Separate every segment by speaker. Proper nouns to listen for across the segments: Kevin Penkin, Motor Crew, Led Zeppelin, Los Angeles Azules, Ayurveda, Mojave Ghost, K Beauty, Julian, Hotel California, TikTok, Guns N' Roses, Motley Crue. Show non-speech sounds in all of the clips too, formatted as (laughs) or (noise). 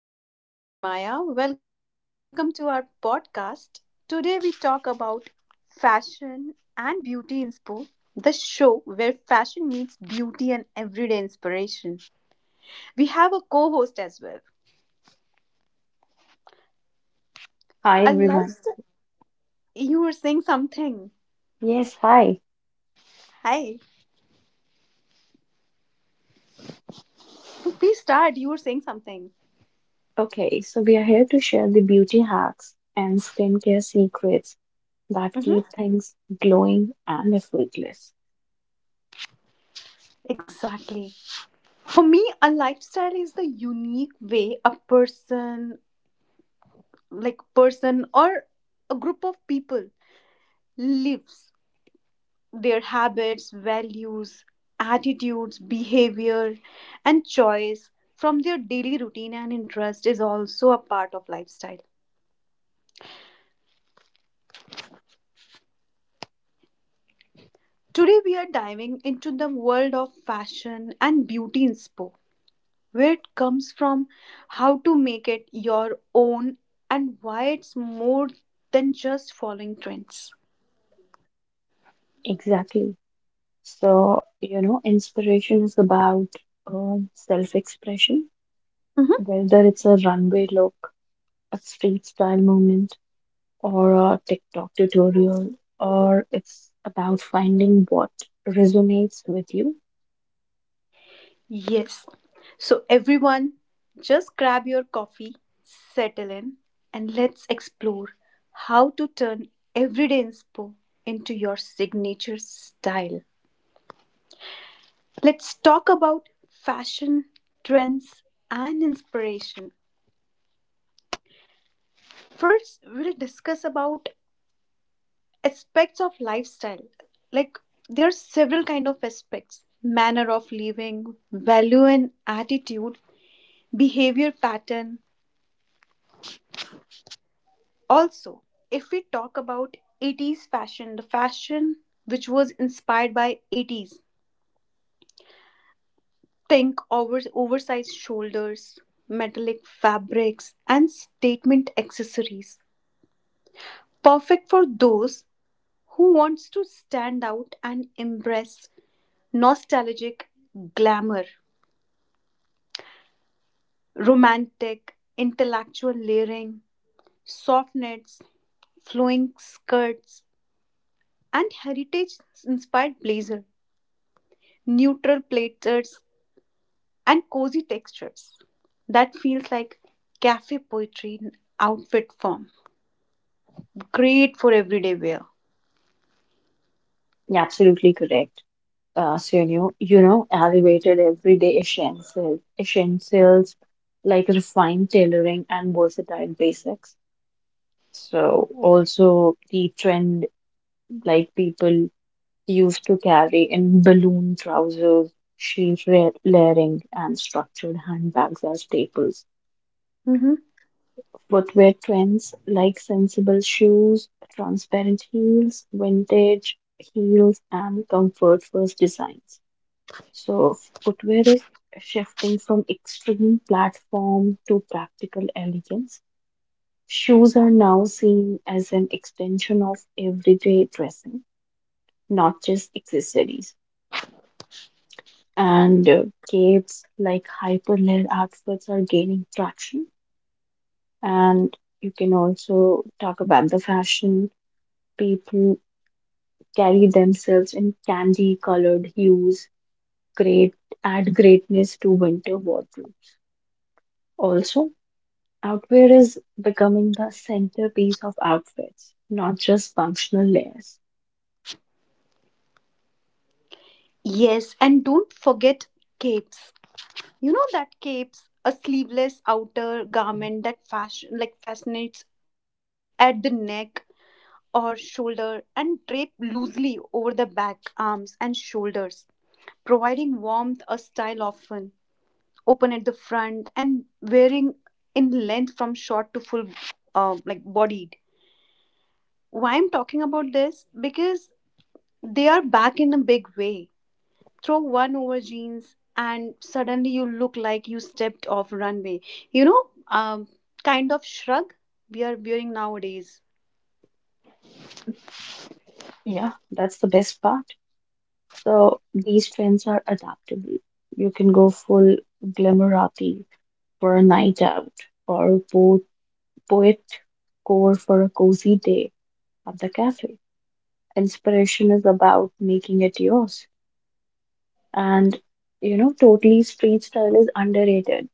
Speaker 1: everyone. My name is Maya. Welcome to our podcast. Today, we talk about fashion and beauty inspo, the show where fashion meets beauty and everyday inspiration. We have a co host as well.
Speaker 2: Hi
Speaker 1: I love
Speaker 2: everyone.
Speaker 1: you were saying something.
Speaker 2: Yes, hi.
Speaker 1: Hi. Please start. You were saying something.
Speaker 2: Okay, so we are here to share the beauty hacks and skincare secrets that
Speaker 1: hmm
Speaker 2: keep things glowing and effortless.
Speaker 1: Exactly. For me, a lifestyle is the unique way a person, like person or a group of people lives, their habits, values, attitudes, behavior, and choice from their daily routine and interest is also a part of lifestyle. Today, we are diving into the world of fashion and beauty in Spo, where it comes from, how to make it your own, and why it's more than just following trends.
Speaker 2: Exactly. So, you know, inspiration is about self-expression,
Speaker 1: Mm-hmm.
Speaker 2: whether it's a runway look, a street style movement, or a TikTok tutorial, or it's about finding what resonates with you.
Speaker 1: Yes. So, everyone, just grab your coffee, settle in, and let's explore how to turn everyday inspo into your signature style. Let's talk about fashion, trends, and inspiration. First, we'll discuss about aspects of lifestyle. Like there are several kind of aspects: manner of living, value and attitude, behavior pattern. Also, if we talk about 80s fashion, the fashion which was inspired by 80s, think over, oversized shoulders, metallic fabrics, and statement accessories. Perfect for those who wants to stand out and embrace nostalgic glamour, romantic, intellectual layering, soft knits, flowing skirts, and heritage inspired blazer, neutral platters, and cozy textures. That feels like cafe poetry in outfit form. Great for everyday wear.
Speaker 2: You absolutely correct. So elevated everyday essentials like refined tailoring and versatile basics. So also the trend like people used to carry in balloon trousers, layering, and structured handbags are staples.
Speaker 1: Mhm.
Speaker 2: Footwear trends like sensible shoes, transparent heels, vintage heels, and comfort first designs. So, footwear is shifting from extreme platform to practical elegance. Shoes are now seen as an extension of everyday dressing, not just accessories. And capes like hyperlayer outfits are gaining traction. And you can also talk about the fashion. People carry themselves in candy colored hues, great add greatness to winter wardrobes. Also, outwear is becoming the centerpiece of outfits, not just functional layers.
Speaker 1: Yes, and don't forget capes. You know that capes, a sleeveless outer garment that fashion like fascinates at the neck or shoulder and drape loosely over the back, arms, and shoulders, providing warmth, a style often open at the front and varying in length from short to full like bodied. Why I'm talking about this? Because they are back in a big way. Throw one over jeans and suddenly you look like you stepped off runway, you know, um, kind of shrug we are wearing nowadays.
Speaker 2: Yeah, that's the best part. So these trends are adaptable. You can go full glamorati for a night out, or po poet core for a cozy day at the cafe. Inspiration is about making it yours. And you know, totally street style is underrated.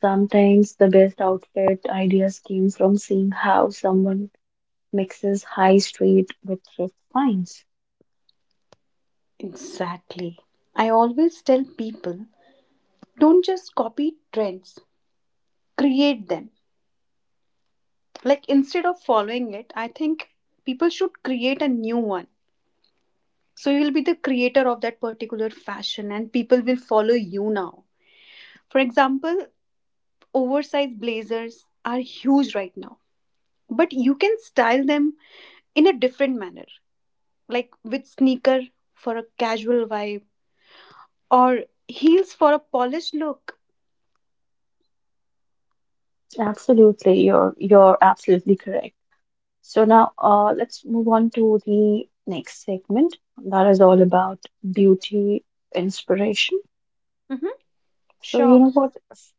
Speaker 2: Sometimes the best outfit ideas came from seeing how someone mixes high street with thrift finds.
Speaker 1: Exactly, I always tell people, don't just copy trends, create them. Like instead of following it, I think people should create a new one. So you'll be the creator of that particular fashion and people will follow you now. For example, oversized blazers are huge right now, but you can style them in a different manner, like with sneaker for a casual vibe or heels for a polished look.
Speaker 2: Absolutely, you're absolutely correct. So now let's move on to the next segment that is all about beauty inspiration.
Speaker 1: Mhm.
Speaker 2: So
Speaker 1: Sure.
Speaker 2: you know what?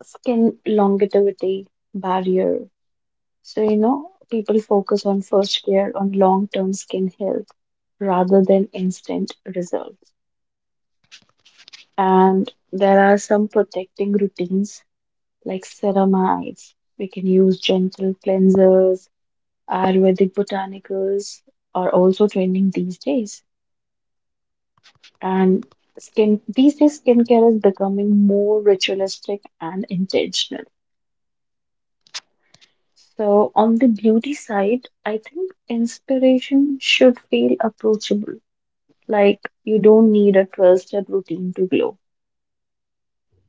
Speaker 2: Skin longevity barrier. So, you know, people focus on first care on long term skin health rather than instant results. And there are some protecting routines like ceramides. We can use gentle cleansers, Ayurvedic botanicals are also trending these days. And skin these days skincare is becoming more ritualistic and intentional. So on the beauty side, I think inspiration should feel approachable. Like, you don't need a 12 step routine to glow.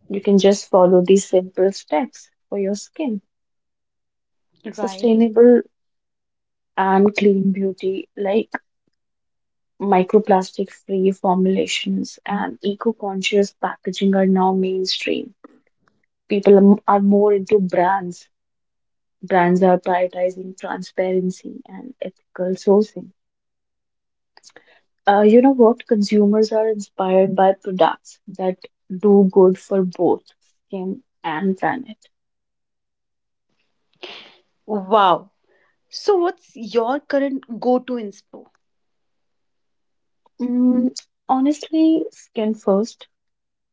Speaker 2: You can just follow these simple steps for your skin.
Speaker 1: Right.
Speaker 2: Sustainable and clean beauty, like microplastic free formulations and eco conscious packaging, are now mainstream. Are more into brands. Brands are prioritizing transparency and ethical sourcing. You know what? Consumers are inspired by products that do good for both skin and planet.
Speaker 1: Wow. So what's your current go-to inspo?
Speaker 2: Mm, Honestly, skin first.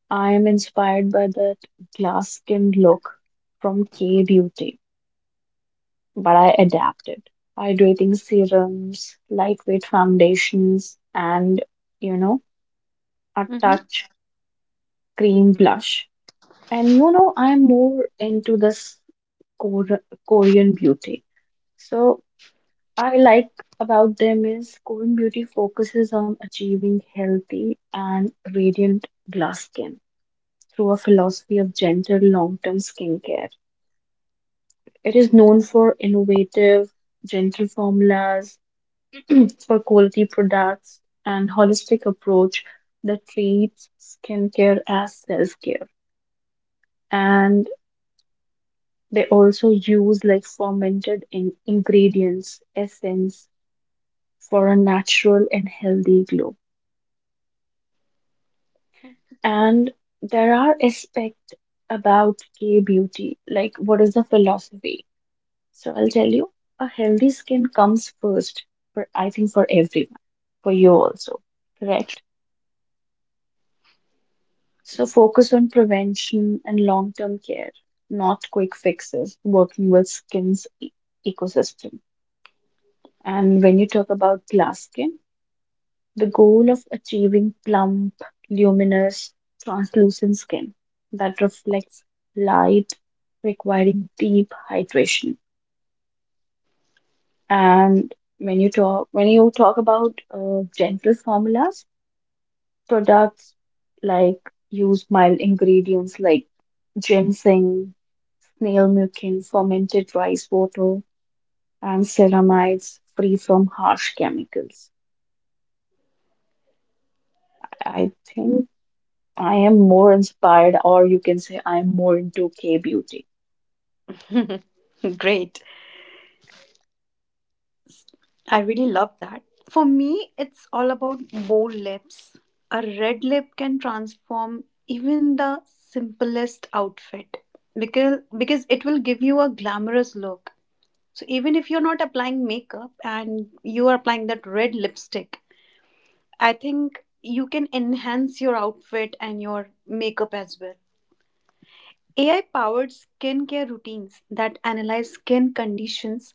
Speaker 2: I am inspired by that glass skin look from K Beauty, but I adapted. Hydrating serums, lightweight foundations, and you know, a
Speaker 1: Mhm.
Speaker 2: touch cream blush. And you know, I'm more into this Kor- Korean beauty. So, I like about them is Korean beauty focuses on achieving healthy and radiant glass skin through a philosophy of gentle long term skincare. It is known for innovative, gentle formulas, for quality products, and holistic approach that treats skincare as self care. And they also use like fermented ingredients, essence for a natural and healthy glow. And there are aspects about K beauty, like what is the philosophy? So I'll tell you, a healthy skin comes first for I think for everyone, for you also, correct? So focus on prevention and long-term care, not quick fixes, working with ecosystem. And when you talk about glass skin, the goal of achieving plump, luminous, translucent skin that reflects light, requiring deep hydration. And when you talk about gentle formulas, products like use mild ingredients like ginseng, snail mucin, fermented rice water, and ceramides free from harsh chemicals. I think I am more inspired, or you can say I am more into K beauty.
Speaker 1: Great. I really love that. For me, it's all about bold lips. A red lip can transform even the simplest outfit because it will give you a glamorous look. So even if you're not applying makeup and you are applying that red lipstick, I think you can enhance your outfit and your makeup as well. AI powered skincare routines that analyze skin conditions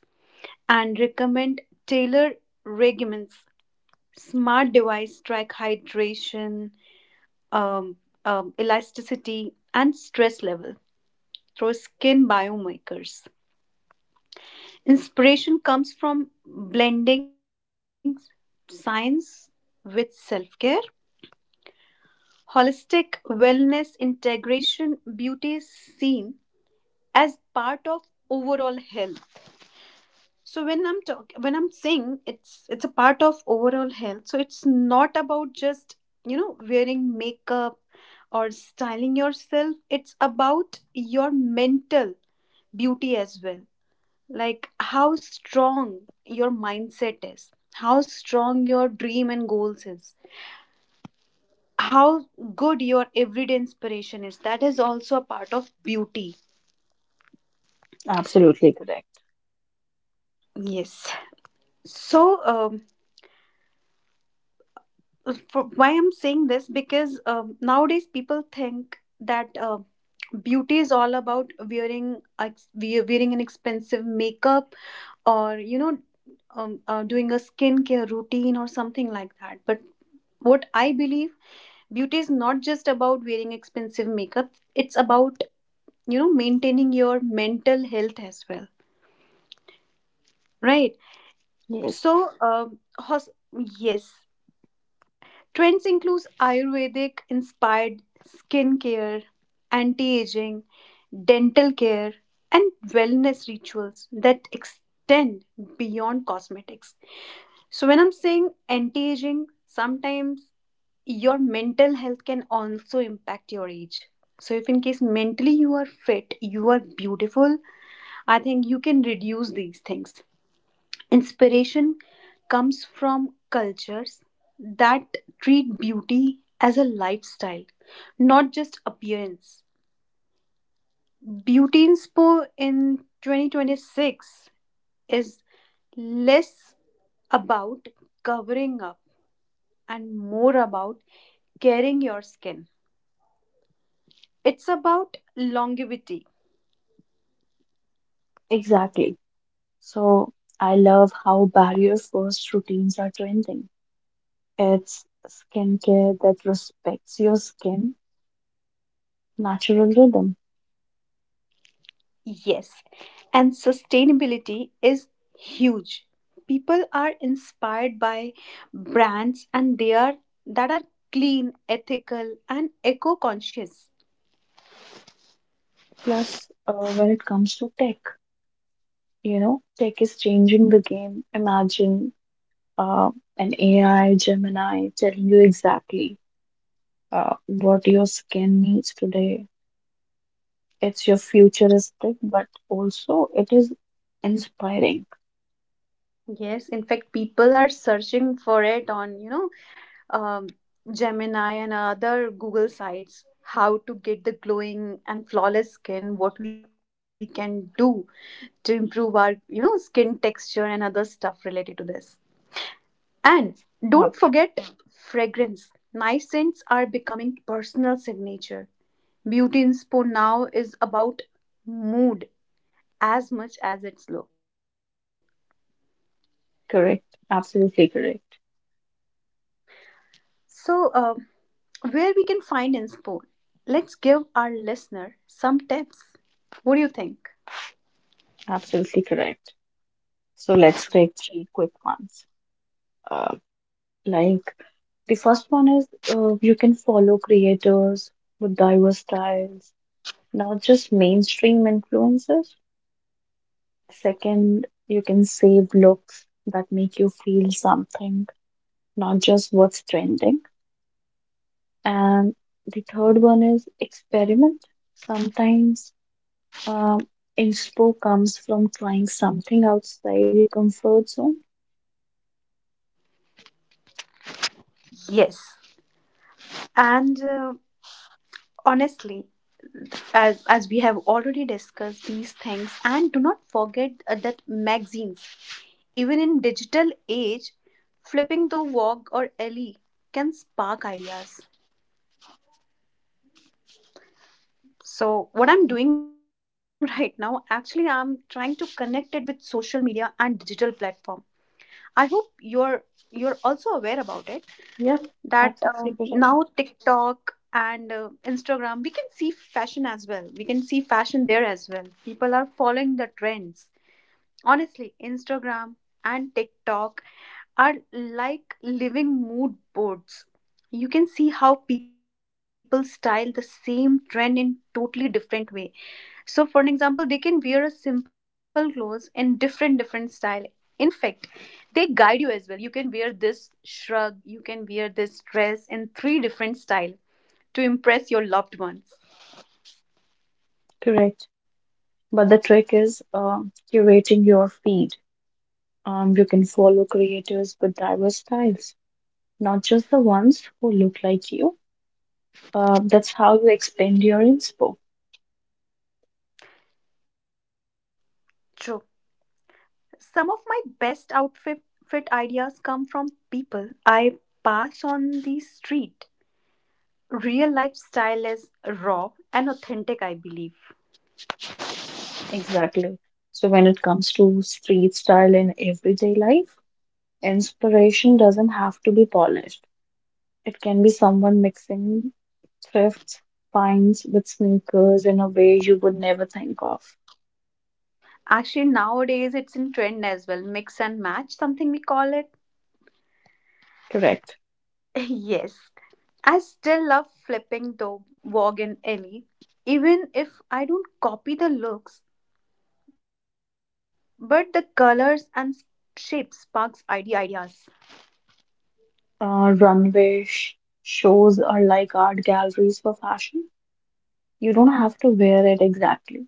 Speaker 1: and recommend tailored regimens, smart device track hydration, um, elasticity, and stress level through skin biomarkers. Inspiration comes from blending science with self care. Holistic wellness integration beauty is seen as part of overall health. So when I'm saying it's a part of overall health, so it's not about just, you know, wearing makeup or styling yourself. It's about your mental beauty as well, like how strong your mindset is, how strong your dream and goals is, how good your everyday inspiration is. That is also a part of beauty.
Speaker 2: Absolutely correct.
Speaker 1: Yes, so for, why I'm saying this? Because nowadays people think that beauty is all about wearing wearing an expensive makeup or you know, doing a skincare routine or something like that. But what I believe, beauty is not just about wearing expensive makeup. It's about, you know, maintaining your mental health as well, right?
Speaker 2: Yes,
Speaker 1: So, yes, trends include Ayurvedic inspired skincare, anti aging, dental care, and wellness rituals that extend beyond cosmetics. So, when I'm saying anti aging, sometimes your mental health can also impact your age. So, if in case mentally you are fit, you are beautiful, I think you can reduce these things. Inspiration comes from cultures that treat beauty as a lifestyle, not just appearance. Beauty inspo in 2026 is less about covering up and more about caring your skin. It's about longevity.
Speaker 2: exactly. So I love how barrier first routines are trending. It's skincare that respects your skin, natural rhythm.
Speaker 1: Yes, and sustainability is huge. People are inspired by brands and they are that are clean, ethical and eco-conscious.
Speaker 2: Plus, when it comes to tech, you know, tech is changing the game. Imagine uh, an AI Gemini telling you exactly what your skin needs today. It's your futuristic, but also it is inspiring.
Speaker 1: Yes, in fact people are searching for it on, you know, um, Gemini and other Google sites. How to get the glowing and flawless skin, what we can do to improve our, you know, skin texture and other stuff related to this. And don't forget fragrance. Nice scents are becoming personal signature. Beauty in inspo now is about mood as much as its look.
Speaker 2: Correct. Absolutely correct.
Speaker 1: So, where we can find inspo? Let's give our listener some tips. What do you think?
Speaker 2: Absolutely correct. So let's take three quick ones. Uh, like the first one is, you can follow creators with diverse styles, not just mainstream influences. Second, you can save looks that make you feel something, not just what's trending. And the third one is experiment. Sometimes um, inspo comes from trying something outside your comfort zone.
Speaker 1: Yes, and honestly, as we have already discussed these things, and do not forget that magazines, even in digital age, flipping the walk or alley can spark ideas. So what I'm doing (laughs) right now, actually I'm trying to connect it with social media and digital platform. I hope you're also aware about it,
Speaker 2: Yeah,
Speaker 1: that
Speaker 2: absolutely
Speaker 1: now
Speaker 2: correct.
Speaker 1: TikTok and Instagram we can see fashion as well. We can see fashion there as well. People are following the trends. Honestly, Instagram and TikTok are like living mood boards. You can see how people style the same trend in totally different way. So for an example, they can wear a simple clothes in different different style. In fact, they guide you as well. You can wear this shrug, you can wear this dress in three different style to impress your loved ones.
Speaker 2: Correct. But the trick is curating your feed. You can follow creators with diverse styles, not just the ones who look like you. That's how you expand your inspo.
Speaker 1: True. Some of my best outfit fit ideas come from people I pass on the street. Real life style is raw and authentic, I believe.
Speaker 2: Exactly. So when it comes to street style in everyday life, inspiration doesn't have to be polished. It can be someone mixing thrifts, finds with sneakers in a way you would never think of.
Speaker 1: Actually, nowadays it's in trend as well, mix and match, something we call it.
Speaker 2: Correct.
Speaker 1: (laughs) Yes, I still love flipping the Vogue Ellie, even if I don't copy the looks, but the colors and shapes sparks ideas.
Speaker 2: uh, runway sh- shows are like art galleries for fashion. You don't have to wear it exactly,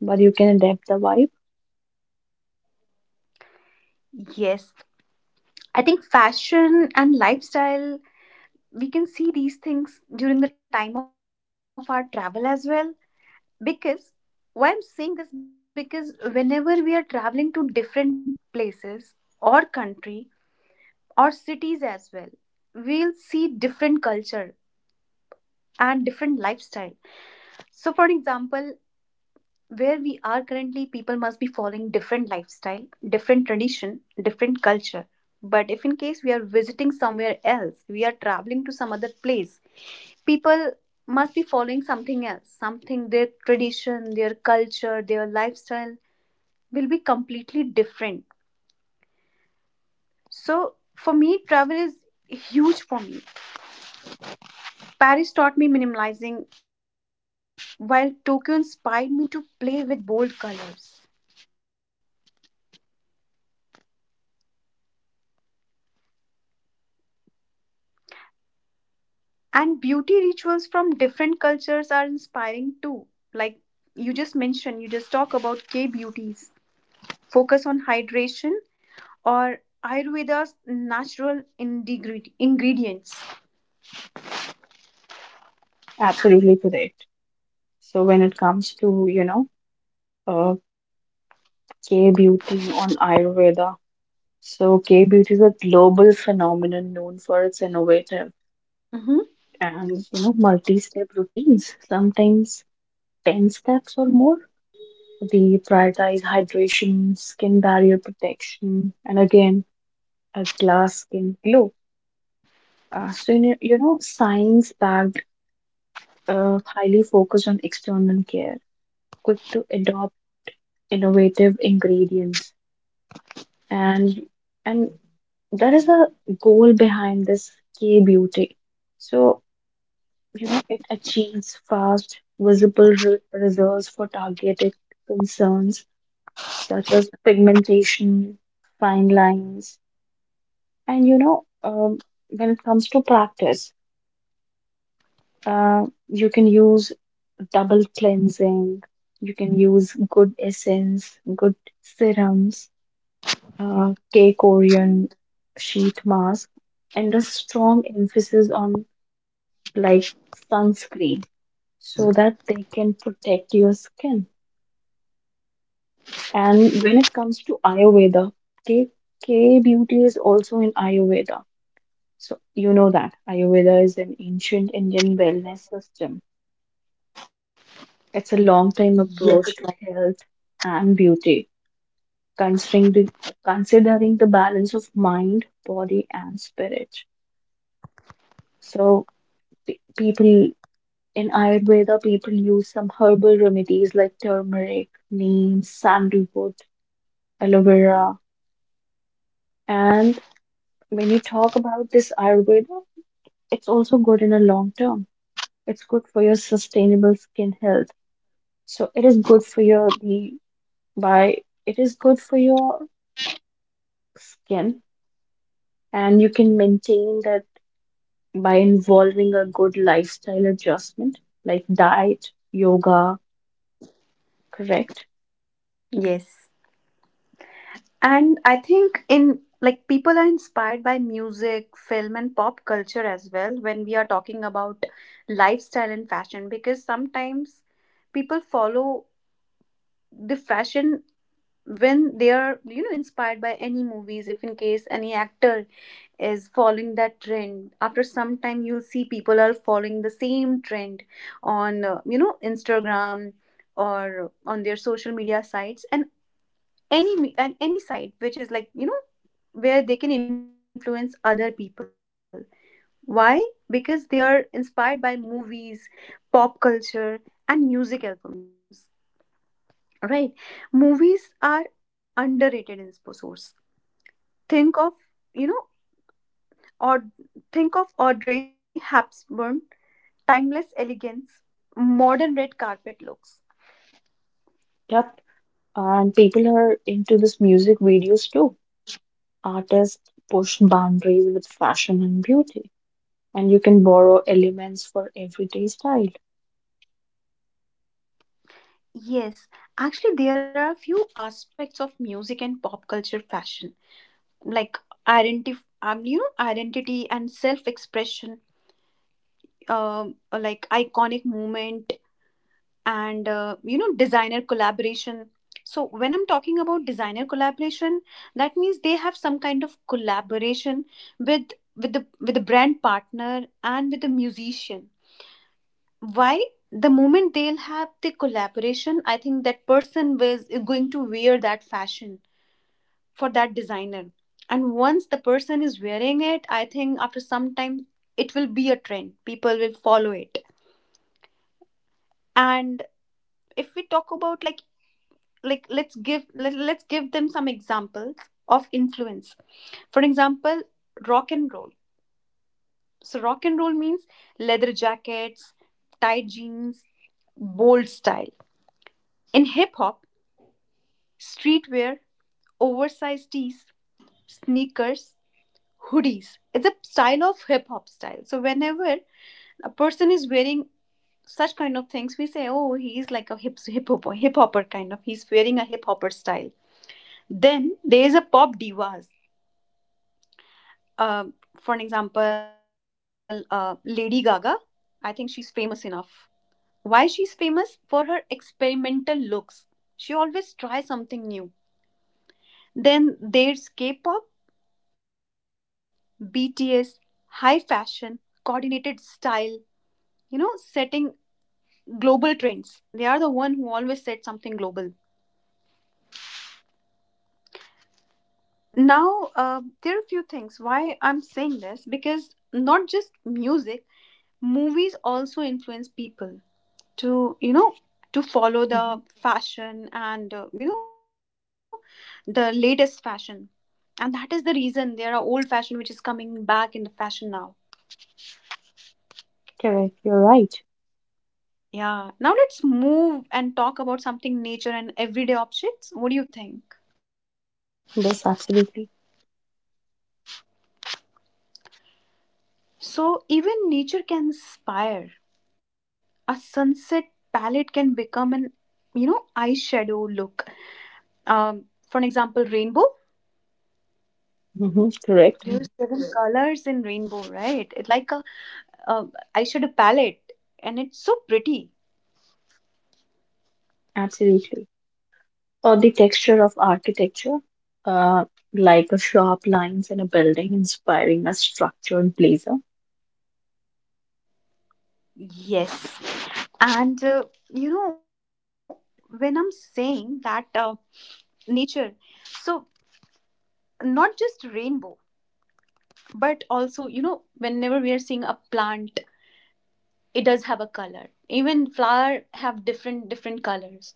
Speaker 2: but you can adapt the vibe.
Speaker 1: Yes, I think fashion and lifestyle, we can see these things during the time of our travel as well. Because why I'm saying this, because whenever we are traveling to different places or country or cities as well, we'll see different culture and different lifestyle. So, for example, where we are currently people must be following different lifestyle, different tradition, different culture, but if in case we are visiting somewhere else, we are traveling to some other place, people must be following something else, something their tradition, their culture, their lifestyle will be completely different. So for me, travel is huge for me. Paris taught me minimalizing, while Tokyo inspired me to play with bold colors. And beauty rituals from different cultures are inspiring too, like you just mentioned, you just talk about K beauties focus on hydration, or Ayurveda's natural ingredients.
Speaker 2: Absolutely correct. So when it comes to, you know, uh, K beauty on Ayurveda, so K beauty is a global phenomenon known for its innovative
Speaker 1: hmm
Speaker 2: and, you know, multi-step routines, sometimes 10 steps or more. They prioritize hydration, skin barrier protection, and again, a glass skin glow. So, science backed, highly focused on external care, quick to adopt innovative ingredients. And, and there is a goal behind this K beauty. So, you know, it achieves fast, visible results for targeted concerns such as pigmentation, fine lines, and you know, when it comes to practice, uh, you can use double cleansing. You can use good essence, good serums, K Korean sheet mask, and a strong emphasis on like sunscreen so that they can protect your skin. And when it comes to Ayurveda, K K beauty is also in Ayurveda. So you know that Ayurveda is an ancient Indian wellness system. It's a long
Speaker 1: Yes.
Speaker 2: time approach to health and beauty considering the considering the balance of mind, body, and spirit. So people in Ayurveda, people use some herbal remedies like turmeric, neem, sandalwood, aloe vera, and when you talk about this Ayurveda, it's also good in a long term. It's good for your sustainable skin health. So it is good for your the by it is good for your skin and you can maintain that by involving a good lifestyle adjustment like diet, yoga, correct?
Speaker 1: Yes. And I think in like people are inspired by music, film and pop culture as well when we are talking about lifestyle and fashion, because sometimes people follow the fashion when they are, you know, inspired by any movies. If in case any actor is following that trend, after some time you'll see people are following the same trend on, you know, Instagram or on their social media sites, and and any site which is, like, you know, where they can influence other people. Why? Because they are inspired by movies, pop culture, and music albums, right? Movies are underrated in sports. Think of, you know, or think of Audrey Hepburn, timeless elegance, modern red carpet looks.
Speaker 2: Yep. And people are into this music videos too. Artists push boundaries with fashion and beauty, and you can borrow elements for everyday style.
Speaker 1: Yes, actually, there are a few aspects of music and pop culture fashion, like identity, you know, identity and self-expression, like iconic moment and you know, designer collaboration. So when I'm talking about designer collaboration, that means they have some kind of collaboration with with the brand partner and with the musician. Why? The moment they'll have the collaboration, I think that person was is going to wear that fashion for that designer, and once the person is wearing it, I think after some time it will be a trend, people will follow it. And if we talk about like let's give them some examples of influence. For example, rock and roll. So rock and roll means leather jackets, tight jeans, bold style. In hip hop, streetwear, oversized tees, sneakers, hoodies, it's a style of hip hop style. So whenever a person is wearing such kind of things, we say, oh, he's like a hip hopper kind of, he's wearing a hip hopper style. Then there is a pop divas. Um, for an example, Lady Gaga. I think she's famous enough. Why she's famous? For her experimental looks. She always tries something new. Then there's K pop, BTS, high fashion, coordinated style, you know, setting global trends. They are the one who always set something global. Now, there are a few things why I'm saying this because not just music, movies also influence people to, you know, to follow
Speaker 2: Hmm.
Speaker 1: the fashion and, you know, the latest fashion. And that is the reason there are old fashion which is coming back in the fashion now.
Speaker 2: Correct. You're right.
Speaker 1: Yeah, now let's move and talk about something nature and everyday objects. What do you think?
Speaker 2: Yes, absolutely.
Speaker 1: So even nature can inspire. A sunset palette can become an, you know, eyeshadow look. um for an example, rainbow.
Speaker 2: Hmm.
Speaker 1: There are
Speaker 2: Correct.
Speaker 1: seven colors in rainbow, right? It's like a, uh, eyeshadow palette, and it's so pretty.
Speaker 2: Absolutely. Or the texture of architecture, uh, like a sharp lines in a building inspiring a structured blazer.
Speaker 1: Yes, and you know, when I'm saying that, nature, so not just rainbow, but also, you know, whenever we are seeing a plant, it does have a color. Even flower have different different colors.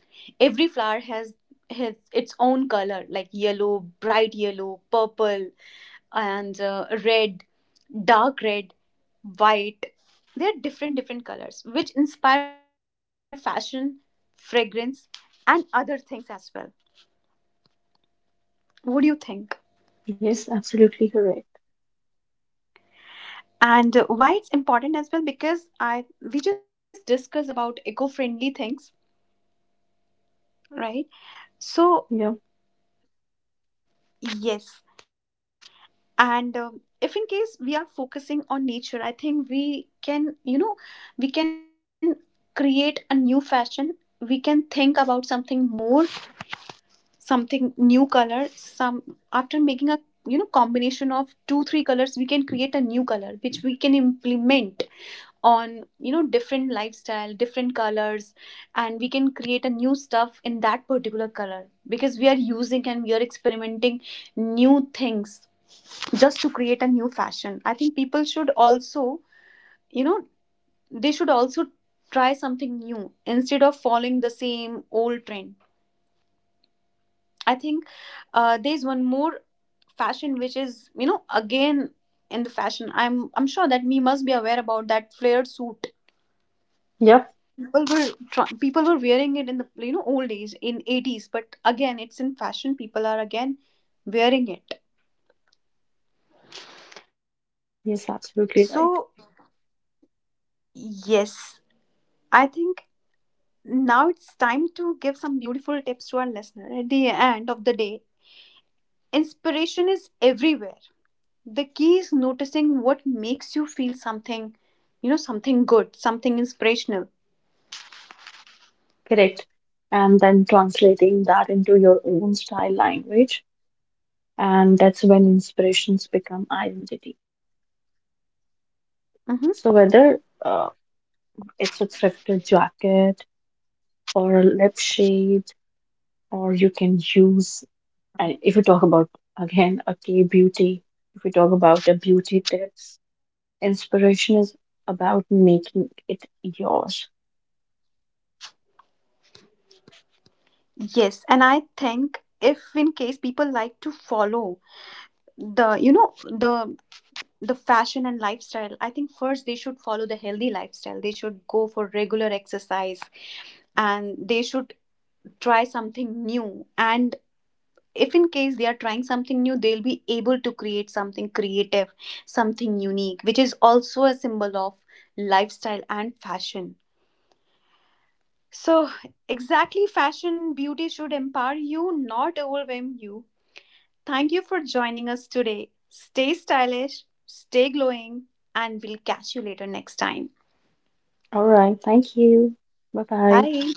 Speaker 1: Every flower has its own color, like yellow, bright yellow, purple, and red, dark red, white. They are different different colors which inspire fashion, fragrance, and other things as well. What do you think?
Speaker 2: Yes, absolutely correct.
Speaker 1: And why it's important as well? Because I, we just discussed about eco-friendly things, right?
Speaker 2: Yep.
Speaker 1: So yes, and if in case we are focusing on nature, I think we can, you know, we can create a new fashion. We can think about something more, something new color. Some, after making a, you know, combination of 2 3 colors, we can create a new color which we can implement on, you know, different lifestyle, different colors, and we can create a new stuff in that particular color because we are using and we are experimenting new things just to create a new fashion. I think people should also, you know, they should also try something new instead of following the same old trend. I think there's one more fashion which is, you know, again in the fashion. I'm sure that we must be aware about that flared suit.
Speaker 2: Yep.
Speaker 1: People were wearing it in the, you know, old days in 80s, but again it's in fashion. People are again wearing it.
Speaker 2: Yes,
Speaker 1: So
Speaker 2: absolutely right.
Speaker 1: yes, I think now it's time to give some beautiful tips to our listener. At the end of the day, inspiration is everywhere. The key is noticing what makes you feel something, you know, something good, something inspirational.
Speaker 2: Correct. And then translating that into your own style language. And that's when inspirations become identity.
Speaker 1: hmm
Speaker 2: So whether uh, it's a thrifted jacket or a lip shade, or you can use. And if we talk about again a key beauty, if we talk about the beauty tips, inspiration is about making it yours.
Speaker 1: Yes, and I think if in case people like to follow the, you know, the fashion and lifestyle, I think first they should follow the healthy lifestyle. They should go for regular exercise and they should try something new, and if in case they are trying something new, they'll be able to create something creative, something unique which is also a symbol of lifestyle and fashion. So exactly, fashion beauty should empower you, not overwhelm you. Thank you for joining us today. Stay stylish, stay glowing, and we'll catch you later next time.
Speaker 2: All right, thank you. Bye bye.
Speaker 1: Bye.